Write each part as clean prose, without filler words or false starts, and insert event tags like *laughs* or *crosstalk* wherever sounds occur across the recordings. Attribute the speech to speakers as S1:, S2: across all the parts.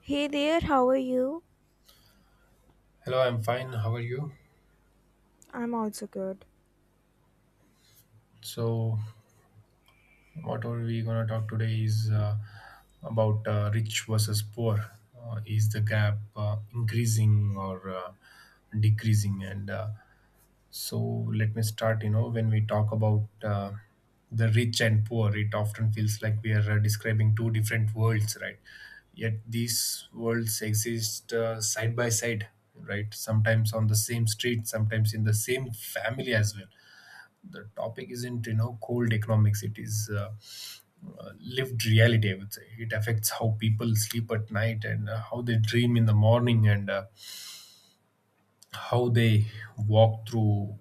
S1: Hey there, how are you?
S2: Hello, I'm fine. How are you?
S1: I'm also good.
S2: So, what are we gonna talk today is about rich versus poor. Is the gap increasing or decreasing? Let me start. You know, when we talk about the rich and poor, it often feels like we are describing two different worlds, right? Yet these worlds exist side by side, right? Sometimes on the same street, sometimes in the same family as well. The topic isn't, you know, cold economics. It is lived reality, I would say. It affects how people sleep at night, and how they dream in the morning, and how they walk through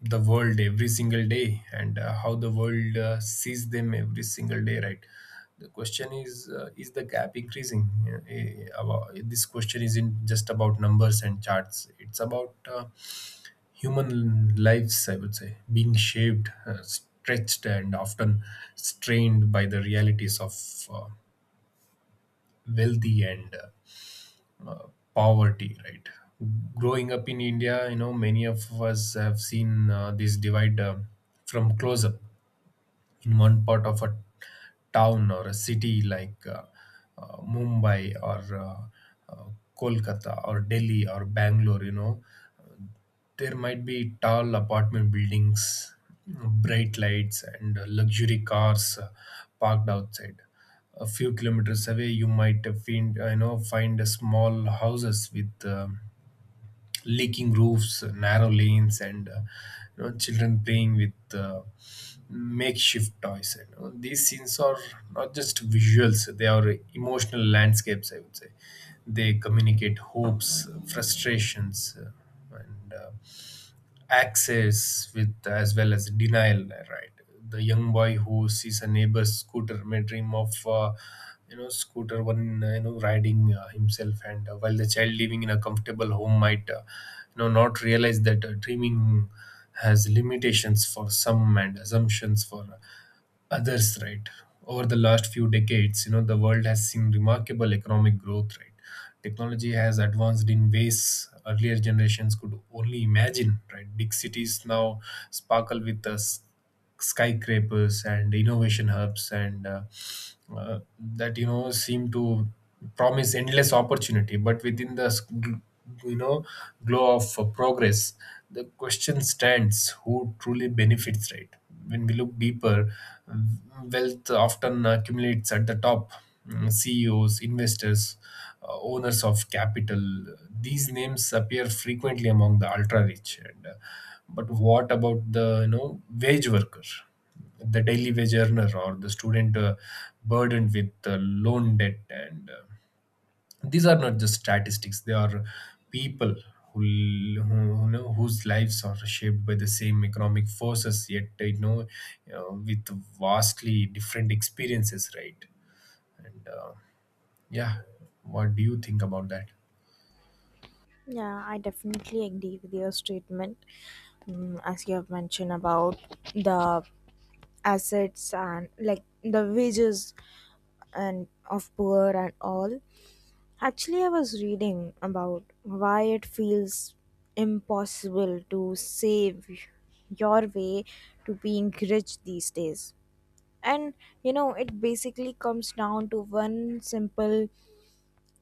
S2: the world every single day, and how the world sees them every single day, right? The question is, is the gap increasing? Yeah, this question isn't just about numbers and charts. It's about human lives, I would say, being shaped, stretched, and often strained by the realities of uh, wealthy and uh, uh, poverty, right? Growing up in India, you know, many of us have seen this divide from close up. In one part of a town or a city like Mumbai or Kolkata or Delhi or Bangalore, you know, there might be tall apartment buildings, bright lights, and luxury cars parked outside. A few kilometers away, you might find find a small houses with leaking roofs, narrow lanes, and you know, children playing with makeshift toys. You know. These scenes are not just visuals; they are emotional landscapes, I would say. They communicate hopes, frustrations, and access with as well as denial, right? The young boy who sees a neighbor's scooter may dream of scooter one, riding himself, and while the child living in a comfortable home might not realize that dreaming has limitations for some and assumptions for others, right? Over the last few decades, you know, the world has seen remarkable economic growth, right? Technology has advanced in ways earlier generations could only imagine, right? Big cities now sparkle with us skyscrapers and innovation hubs, and that, you know, seem to promise endless opportunity. But within the you know glow of progress, the question stands, who truly benefits, right? When we look deeper, wealth often accumulates at the top. Mm, CEOs, investors, owners of capital. These names appear frequently among the ultra rich. But what about the, you know, wage worker, the daily wage earner, or the student burdened with loan debt? And These are not just statistics. They are people who, whose lives are shaped by the same economic forces, yet, you know, with vastly different experiences, right? and Yeah, what do you think about that?
S1: Yeah, I definitely agree with your statement. As you have mentioned about the assets and like the wages and of poor and all. Actually, I was reading about why it feels impossible to save your way to being rich these days. And you know, it basically comes down to one simple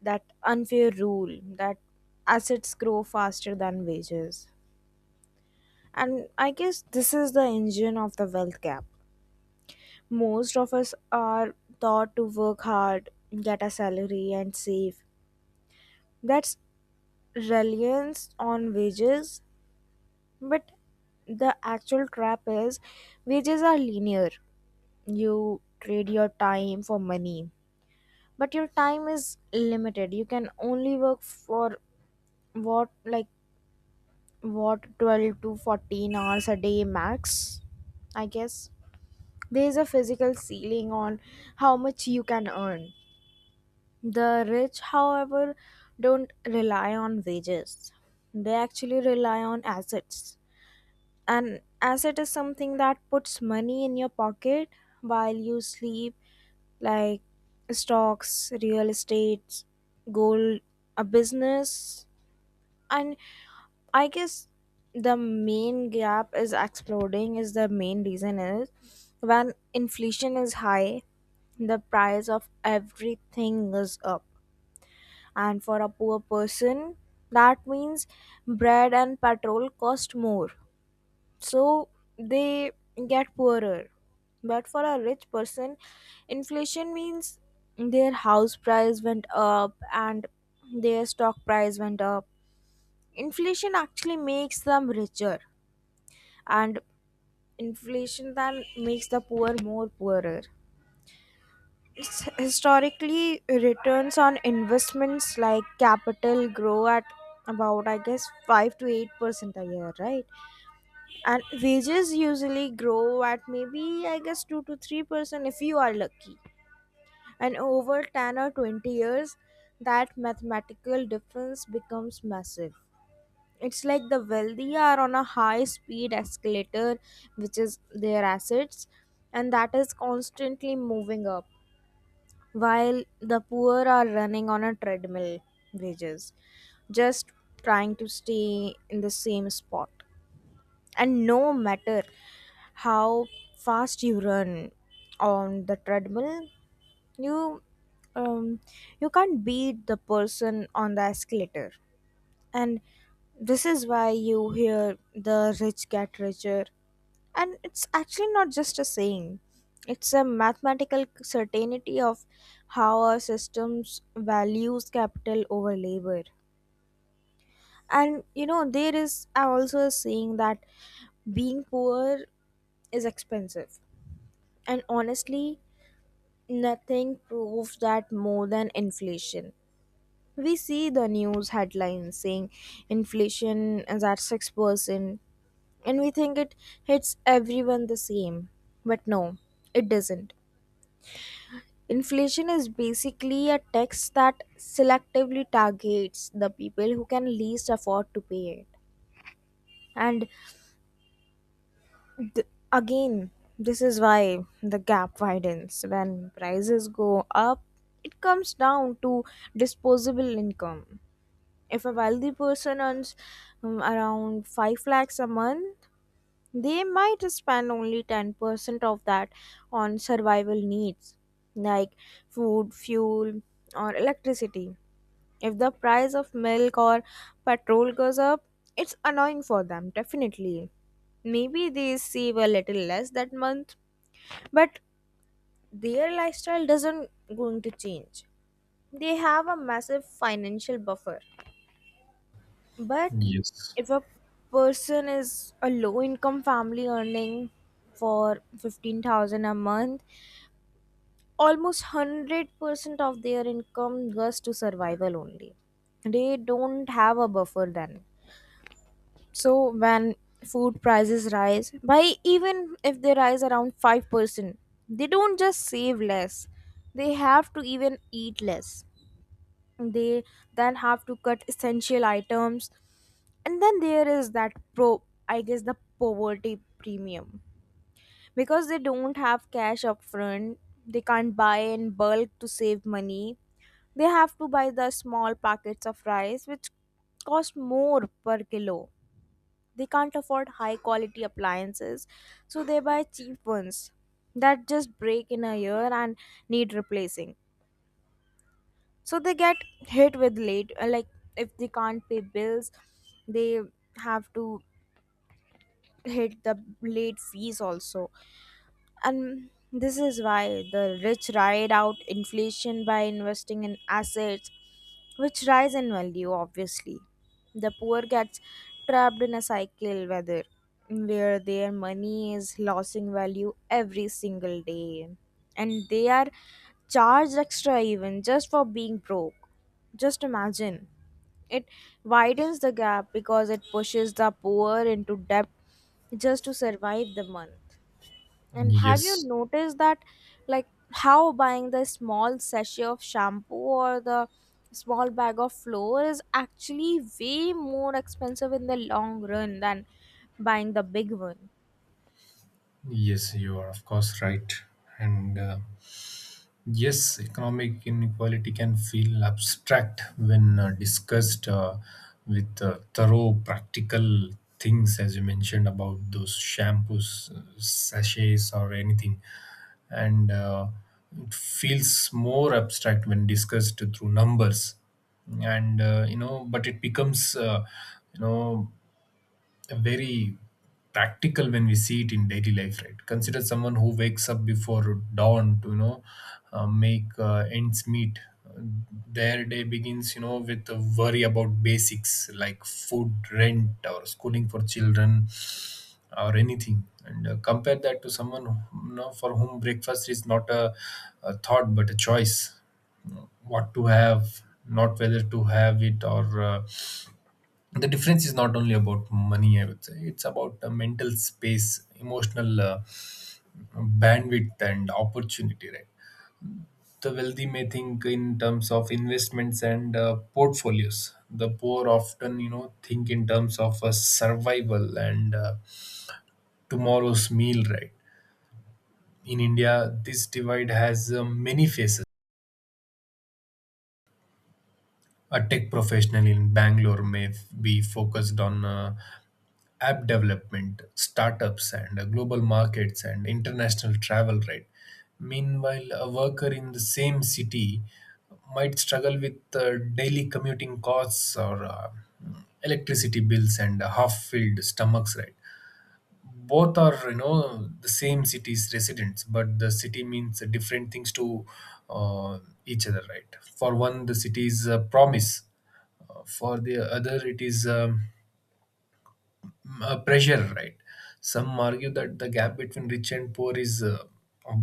S1: that unfair rule that assets grow faster than wages. And I guess this is the engine of the wealth gap. Most of us are taught to work hard, get a salary, and save. That's reliance on wages, but the actual trap is wages are linear. You trade your time for money, but your time is limited. You can only work for what, like, what 12 to 14 hours a day max, I guess. There is a physical ceiling on how much you can earn. The rich, however, don't rely on wages. They actually rely on assets. An asset is something that puts money in your pocket while you sleep, like stocks, real estate, gold, a business. And I guess the main gap is exploding is the main reason is, when inflation is high, the price of everything is up. And for a poor person, that means bread and petrol cost more. So they get poorer. But for a rich person, inflation means their house price went up and their stock price went up. Inflation actually makes them richer, and inflation then makes the poor more poorer. It's historically, returns on investments like capital grow at about I guess 5 to 8% a year, right? And wages usually grow at maybe I guess 2 to 3% if you are lucky. And over 10 or 20 years, that mathematical difference becomes massive. It's like the wealthy are on a high speed escalator, which is their assets, and that is constantly moving up, while the poor are running on a treadmill, wages, just trying to stay in the same spot. And no matter how fast you run on the treadmill, you um, you can't beat the person on the escalator. And this is why you hear the rich get richer. And it's actually not just a saying, it's a mathematical certainty of how our systems values capital over labor. And you know, there is also a saying that being poor is expensive. And honestly, nothing proves that more than inflation. We see the news headlines saying inflation is at 6%, and we think it hits everyone the same. But no, it doesn't. Inflation is basically a tax that selectively targets the people who can least afford to pay it. And again, this is why the gap widens. When prices go up, it comes down to disposable income. If a wealthy person earns around 5 lakhs a month, they might spend only 10% of that on survival needs like food, fuel, or electricity. If the price of milk or petrol goes up, it's annoying for them, definitely. Maybe they save a little less that month, but their lifestyle doesn't going to change. They have a massive financial buffer. But
S2: Yes.
S1: if a person is a low income family earning for 15,000 a month, almost 100% of their income goes to survival only. They don't have a buffer then. So when food prices rise by even if they rise around 5%, they don't just save less. They have to even eat less. They then have to cut essential items, and then there is that pro, I guess, the poverty premium. Because they don't have cash upfront, they can't buy in bulk to save money. They have to buy the small packets of rice, which cost more per kilo. They can't afford high quality appliances, so they buy cheap ones that just break in a year and need replacing. So they get hit with late, like, if they can't pay bills, they have to hit the late fees also. And this is why the rich ride out inflation by investing in assets which rise in value, obviously. The poor gets trapped in a cycle whether where their money is losing value every single day. And they are charged extra even just for being broke. Just imagine. It widens the gap because it pushes the poor into debt just to survive the month. And have you
S2: Yes.
S1: noticed that, like, how buying the small sachet of shampoo or the small bag of flour is actually way more expensive in the long run than buying the big one?
S2: Yes, you are of course right. and Yes, economic inequality can feel abstract when discussed with thorough practical things, as you mentioned about those shampoos, sachets, or anything. And It feels more abstract when discussed through numbers. And, you know, but it becomes, you know, very practical when we see it in daily life, right? Consider someone who wakes up before dawn to, you know, make ends meet. Their day begins, you know, with a worry about basics like food, rent, or schooling for children or anything. And compare that to someone for whom breakfast is not a, a thought but a choice. You know, what to have, not whether to have it. Or uh, the difference is not only about money, I would say. It's about a mental space, emotional bandwidth, and opportunity, right? The wealthy may think in terms of investments and portfolios. The poor often, you know, think in terms of survival and tomorrow's meal, right? In India, this divide has many faces. A tech professional in Bangalore may be focused on app development, startups, and global markets and international travel, right? Meanwhile, a worker in the same city might struggle with daily commuting costs or electricity bills and half-filled stomachs, right? Both are, you know, the same city's residents, but the city means different things to uh, each other, right? For one, the city's promise. For the other, it is pressure, right? Some argue that the gap between rich and poor is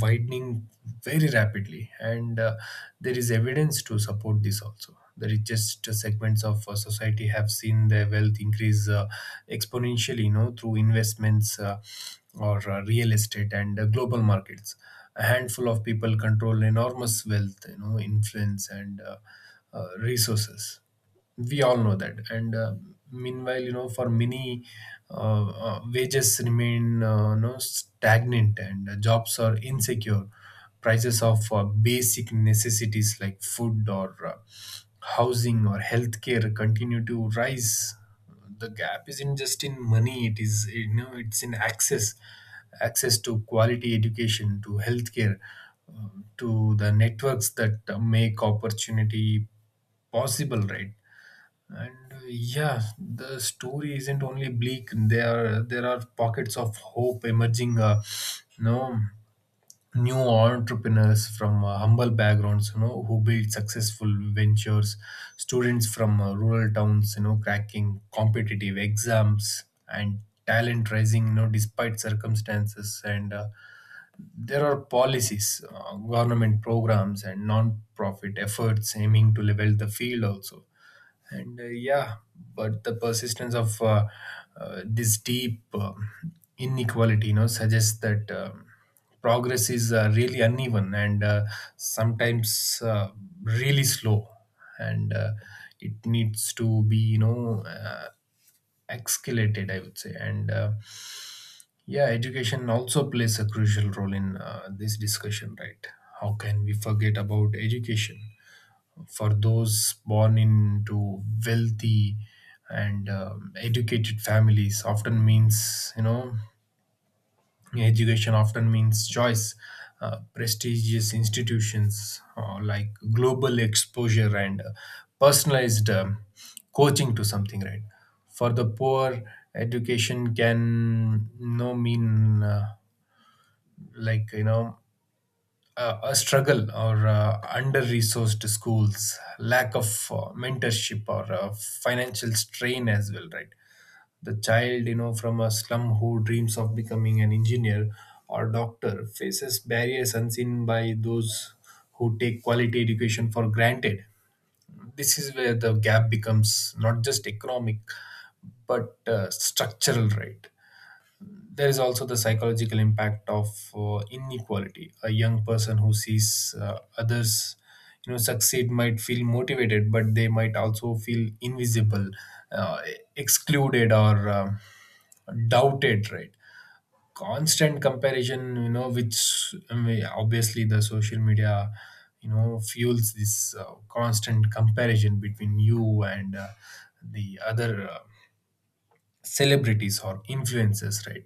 S2: widening very rapidly, and there is evidence to support this also. The richest segments of society have seen their wealth increase exponentially, you know, through investments or real estate and global markets. A handful of people control enormous wealth, you know, influence, and resources. We all know that. And Meanwhile, you know, for many, wages remain, you know, stagnant, and jobs are insecure. Prices of basic necessities like food or housing or healthcare continue to rise. The gap isn't just in money. It is, you know, it's in access. Access to quality education, to healthcare, to the networks that make opportunity possible, right? and Yeah, the story isn't only bleak. There are pockets of hope emerging. You know, new entrepreneurs from humble backgrounds, you know, who build successful ventures. Students from rural towns, you know, cracking competitive exams, and talent rising, you know, despite circumstances. And There are policies, government programs, and non-profit efforts aiming to level the field also. And Yeah, but the persistence of this deep inequality, you know, suggests that progress is really uneven, and sometimes really slow, and it needs to be, you know, escalated, I would say. And Yeah, education also plays a crucial role in this discussion, right? How can we forget about education? For those born into wealthy and educated families, often means, you know, education often means choice. Prestigious institutions, like global exposure and personalized coaching to something, right? For the poor, education can no mean like you know a struggle, or under-resourced schools, lack of mentorship, or financial strain as well, right? The child, you know, from a slum who dreams of becoming an engineer or doctor faces barriers unseen by those who take quality education for granted. This is where the gap becomes not just economic, but structural, right? There is also the psychological impact of inequality. A young person who sees others, you know, succeed might feel motivated, but they might also feel invisible, uh, excluded, or doubted, right? Constant comparison, you know, which I mean, obviously the social media, you know, fuels this constant comparison between you and the other celebrities or influencers, right?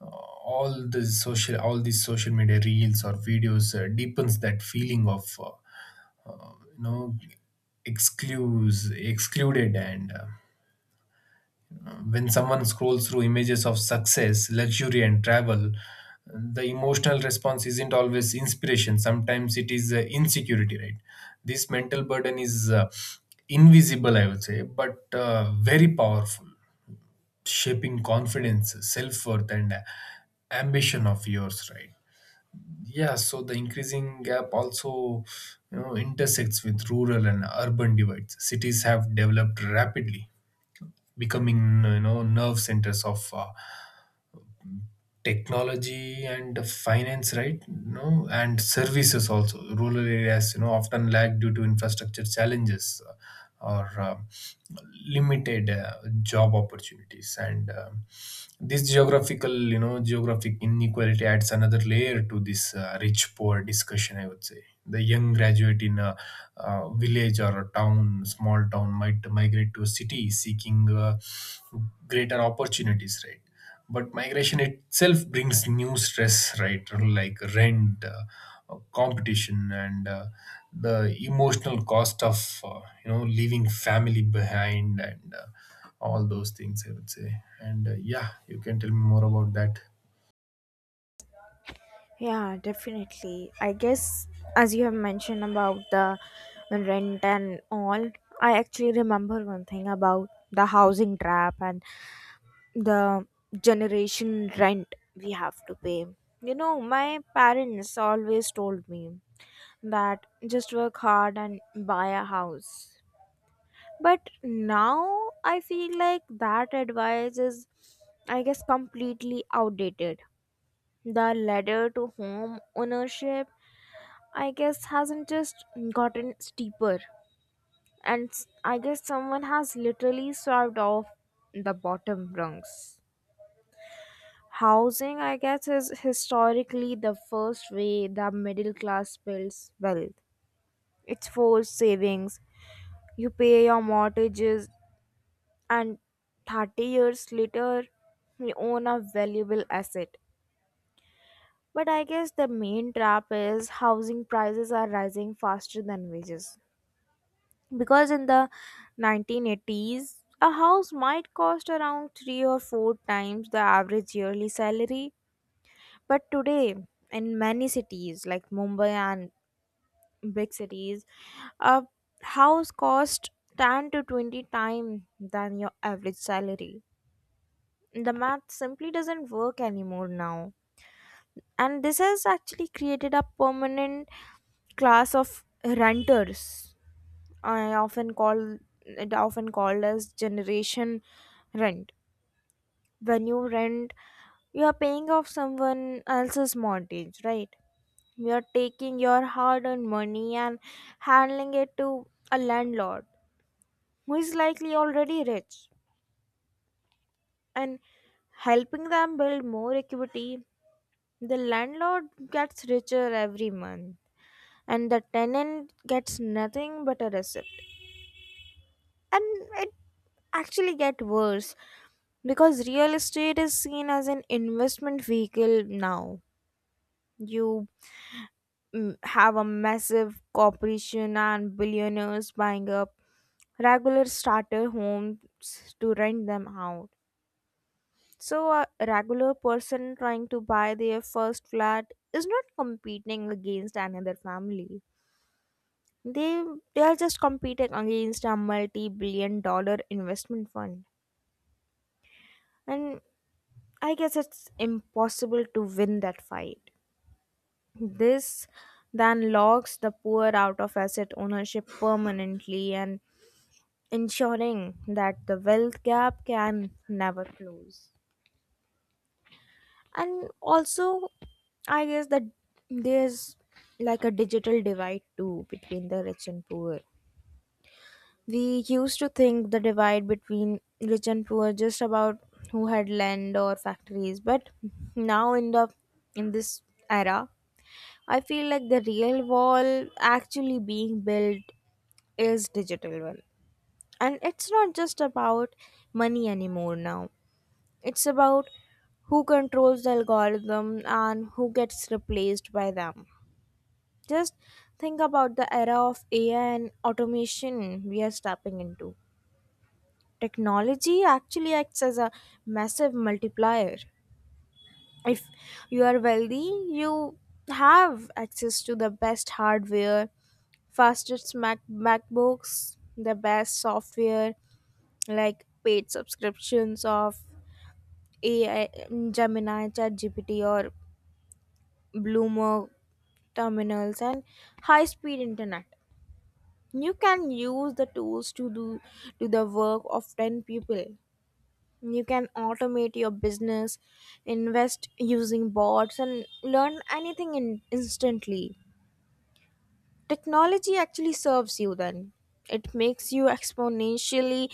S2: Uh, all these social media reels or videos deepens that feeling of uh, you know excludes excluded. And When someone scrolls through images of success, luxury, and travel, the emotional response isn't always inspiration. Sometimes it is, insecurity, right? This mental burden is invisible, I would say, but very powerful, shaping confidence, self-worth, and ambition of yours, right? Yeah, so the increasing gap also, you know, intersects with rural and urban divides. Cities have developed rapidly, becoming, you know, nerve centers of technology and finance, right? No, and services also. Rural areas, you know, often lag due to infrastructure challenges, or limited job opportunities, and this geographical, you know, geographic inequality adds another layer to this rich poor discussion, I would say. The young graduate in a, village or a town, small town, might migrate to a city seeking greater opportunities, right? But migration itself brings new stress, right? Like rent, competition, and the emotional cost of you know, leaving family behind, and all those things, I would say. And Yeah, you can tell me more about that.
S1: Yeah, definitely. I guess as you have mentioned about the rent and all, I actually remember one thing about the housing trap and the generation rent we have to pay. You know, my parents always told me that just work hard and buy a house. But now I feel like that advice is, I guess, completely outdated. The ladder to home ownership, I guess, hasn't just gotten steeper. And I guess someone has literally swept off the bottom rungs. Housing, I guess, is historically the first way the middle class builds wealth. It's forced savings. You pay your mortgages, and 30 years later, you own a valuable asset. But I guess the main trap is housing prices are rising faster than wages. Because in the 1980s, a house might cost around three or four times the average yearly salary. But today, in many cities like Mumbai and big cities, a house costs 10 to 20 times than your average salary. The math simply doesn't work anymore now. And this has actually created a permanent class of renters I often call, it often called as generation rent. When you rent, you are paying off someone else's mortgage, right? You are taking your hard earned money and handling it to a landlord who is likely already rich and helping them build more equity. The landlord gets richer every month, and the tenant gets nothing but a receipt. And it actually get worse because real estate is seen as an investment vehicle now. You have a massive corporation and billionaires buying up regular starter homes to rent them out. So, a regular person trying to buy their first flat is not competing against another family. they they are just competing against a multi-billion-dollar investment fund. And I guess it's impossible to win that fight. This then locks the poor out of asset ownership permanently and ensuring that the wealth gap can never close. And also, I guess that there's like a digital divide too between the rich and poor. We used to think the divide between rich and poor just about who had land or factories, but now in the in this era, I feel like the real wall actually being built is digital one. And it's not just about money anymore now. It's about who controls the algorithm and who gets replaced by them. Just think about the era of AI and automation we are stepping into. Technology actually acts as a massive multiplier. If you are wealthy, you have access to the best hardware, fastest MacBooks, the best software, like paid subscriptions of AI, Gemini, ChatGPT, or Bloomer terminals, and high speed internet. You can use the tools to do to the work of 10 people. You can automate your business, invest using bots, and learn anything instantly. Technology actually serves you then. It makes you exponentially,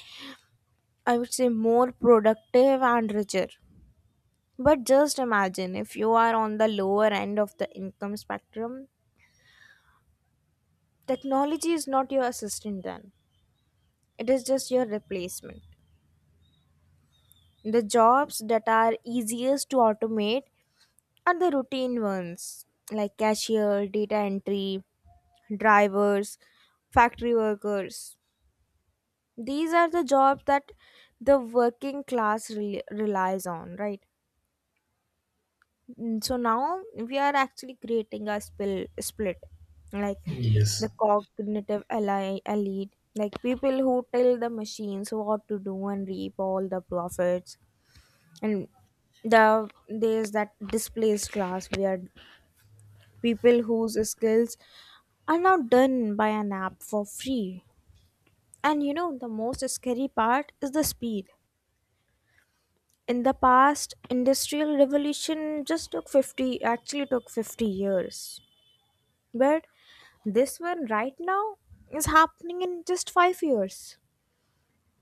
S1: I would say, more productive and richer. But just imagine if you are on the lower end of the income spectrum, technology is not your assistant then. It is just your replacement. The jobs that are easiest to automate are the routine ones like cashier, data entry, drivers, factory workers. These are the jobs that the working class relies on, right? So now we are actually creating a spill split, like
S2: Yes.
S1: the cognitive elite, like people who tell the machines what to do and reap all the profits, and the there's that displaced class where people whose skills are now done by an app for free. And you know, the most scary part is the speed. In the past, industrial revolution just took 50, actually took 50 years. But this one right now is happening in just 5 years.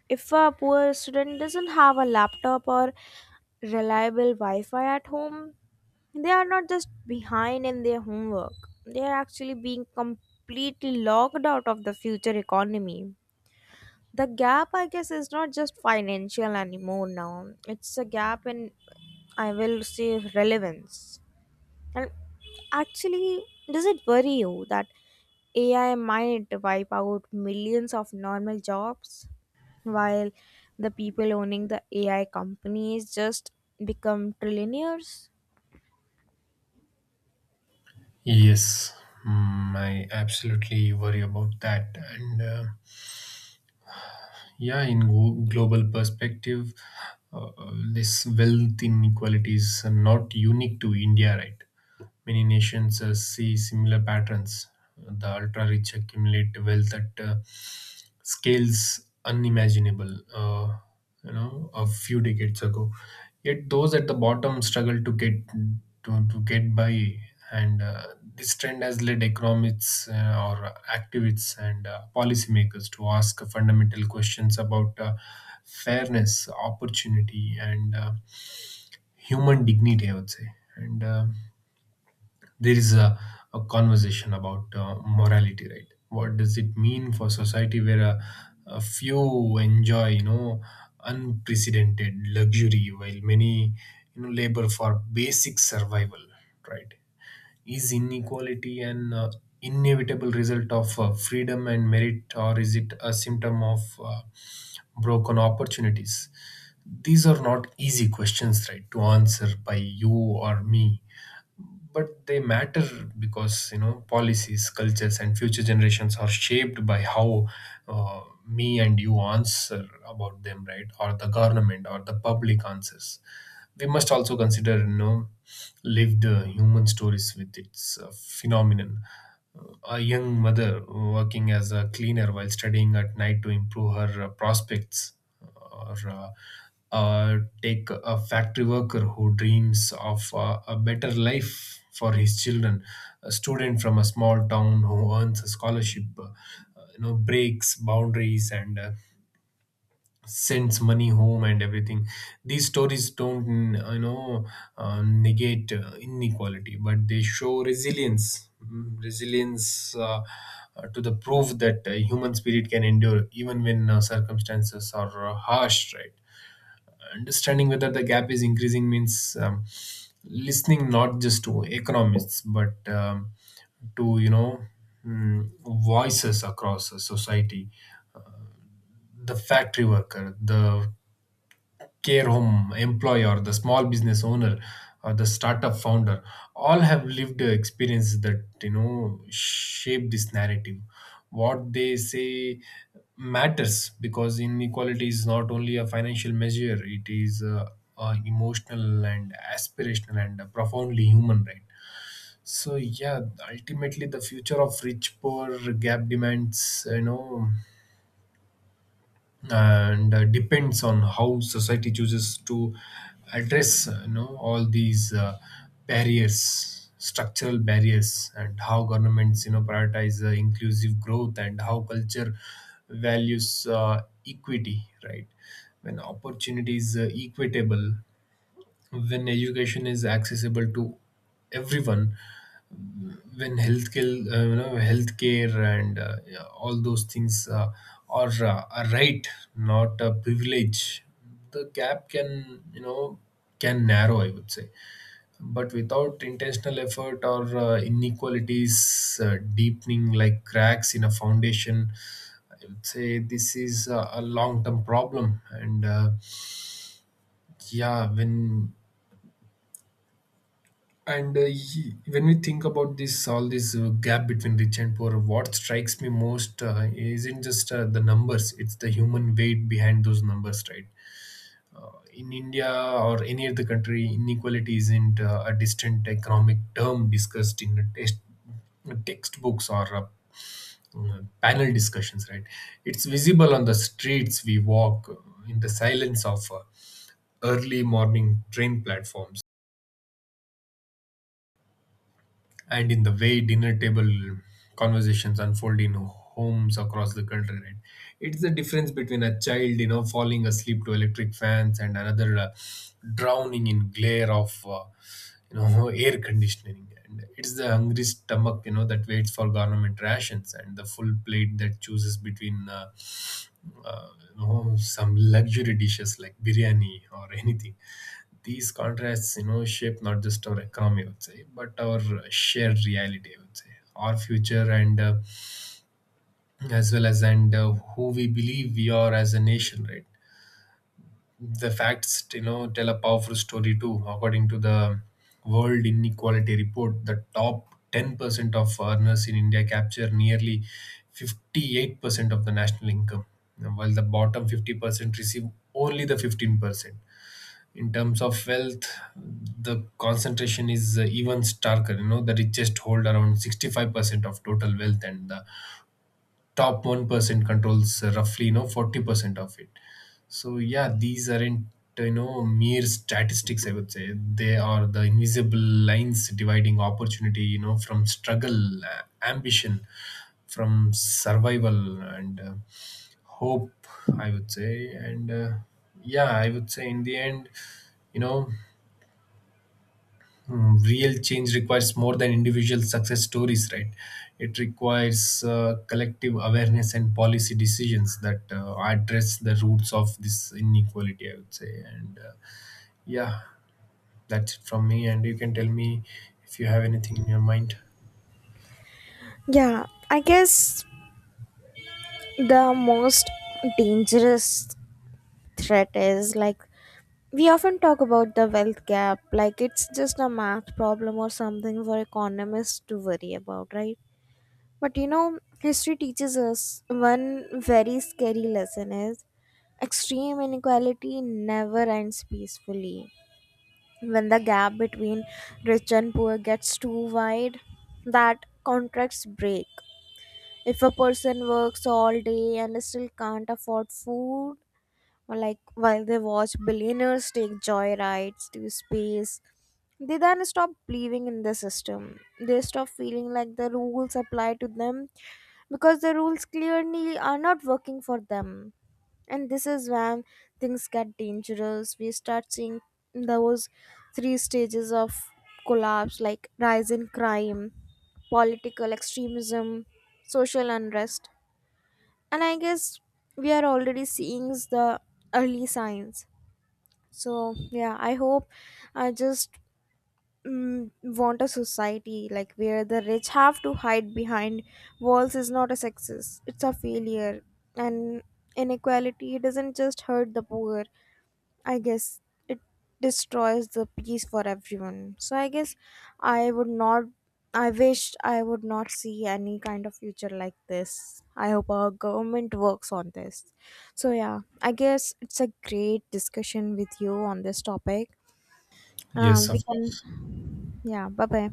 S1: If a poor student doesn't have a laptop or reliable Wi Fi at home, they are not just behind in their homework, they are actually being completely locked out of the future economy. The gap, I guess, is not just financial anymore now. It's a gap in, I will say, relevance. And actually, does it worry you that AI might wipe out millions of normal jobs while the people owning the AI companies just become trillionaires?
S2: Yes, mm, I absolutely worry about that. And Yeah, in global perspective, this wealth inequality is not unique to India, right? Many nations see similar patterns. The ultra rich accumulate wealth at scales unimaginable, you know, a few decades ago. Yet those at the bottom struggle to get to get by, and this trend has led economists or activists and policymakers to ask fundamental questions about fairness, opportunity, and human dignity. I would say, and there is a conversation about morality. Right, what does it mean for society where a few enjoy unprecedented luxury while many labor for basic survival, right? Is inequality an inevitable result of freedom and merit, or is it a symptom of broken opportunities? These are not easy questions, right, to answer by you or me, but they matter because policies, cultures and future generations are shaped by how uh, me and you answer about them, right, or the government or the public answers. We must also consider lived human stories with its phenomenon. A young mother working as a cleaner while studying at night to improve her prospects, or take a factory worker who dreams of a better life for his children, a student from a small town who earns a scholarship, breaks boundaries and sends money home and everything. These stories don't, negate inequality, but they show resilience. Mm, resilience, to the proof that human spirit can endure even when circumstances are harsh, right? Understanding whether the gap is increasing means listening not just to economists but to, mm, voices across a society: the factory worker, the care home employer, the small business owner, or the startup founder, all have lived experiences that shape this narrative. What they say matters because inequality is not only a financial measure; it is emotional and aspirational and a profoundly human right. So yeah, ultimately the future of rich poor gap demands, you know and depends on how society chooses to address all these barriers, structural barriers, and how governments prioritize inclusive growth, and how culture values equity. Right, when opportunity is equitable, when education is accessible to everyone, when healthcare, healthcare and yeah, all those things are a right, not a privilege. The gap can, can narrow, I would say, but without intentional effort, or inequalities deepening like cracks in a foundation. I would say this is a long-term problem. And yeah, when we think about this, all this gap between rich and poor, what strikes me most isn't just the numbers, it's the human weight behind those numbers, right? In india or any other country, inequality isn't a distant economic term discussed in a test textbooks or panel discussions, right? It's visible on the streets we walk, in the silence of early morning train platforms, and in the way dinner table conversations unfold in homes across the country, right? It's the difference between a child falling asleep to electric fans and another drowning in glare of *laughs* air conditioning, and it's the hungry stomach that waits for government rations and the full plate that chooses between some luxury dishes like biryani or *laughs* anything. These contrasts, shape not just our economy, I would say, but our shared reality, I would say, our future, and as well as, and who we believe we are as a nation, right? The facts, tell a powerful story too. According to the world inequality report, the top 10% of earners in india capture nearly 58% of the national income, while the bottom 50% receive only the 15%. In terms of wealth, the concentration is even starker. You know, the richest hold around 65% of total wealth, and the top 1% controls roughly, 40% of it. So yeah, these aren't, mere statistics, I would say. They are the invisible lines dividing opportunity, from struggle, ambition from survival, and hope, I would say. And yeah, I would say in the end, you know mm, real change requires more than individual success stories, right? It requires collective awareness and policy decisions that address the roots of this inequality, I would say. And yeah, that's it from me. And you can tell me if you have anything in your mind.
S1: Yeah, I guess the most dangerous threat is like, we often talk about the wealth gap like it's just a math problem or something for economists to worry about, right? But you know, history teaches us one very scary lesson is extreme inequality never ends peacefully. When the gap between rich and poor gets too wide, that contracts break. If a person works all day and still can't afford food, or like while they watch billionaires take joyrides to space, they then stop believing in the system. They stop feeling like the rules apply to them because the rules clearly are not working for them. And this is when things get dangerous. We start seeing those three stages of collapse like rise in crime, political extremism, social unrest. And I guess we are already seeing the early signs. So yeah, I hope, I just, want a society like where the rich have to hide behind walls is not a success, it's a failure. And inequality doesn't just hurt the poor, I guess, it destroys the peace for everyone. So I guess I would not, I wish I would not see any kind of future like this. I hope our government works on this. So yeah, I guess it's a great discussion with you on this topic.
S2: Yes,
S1: We
S2: of
S1: can,
S2: course.
S1: yeah, bye bye.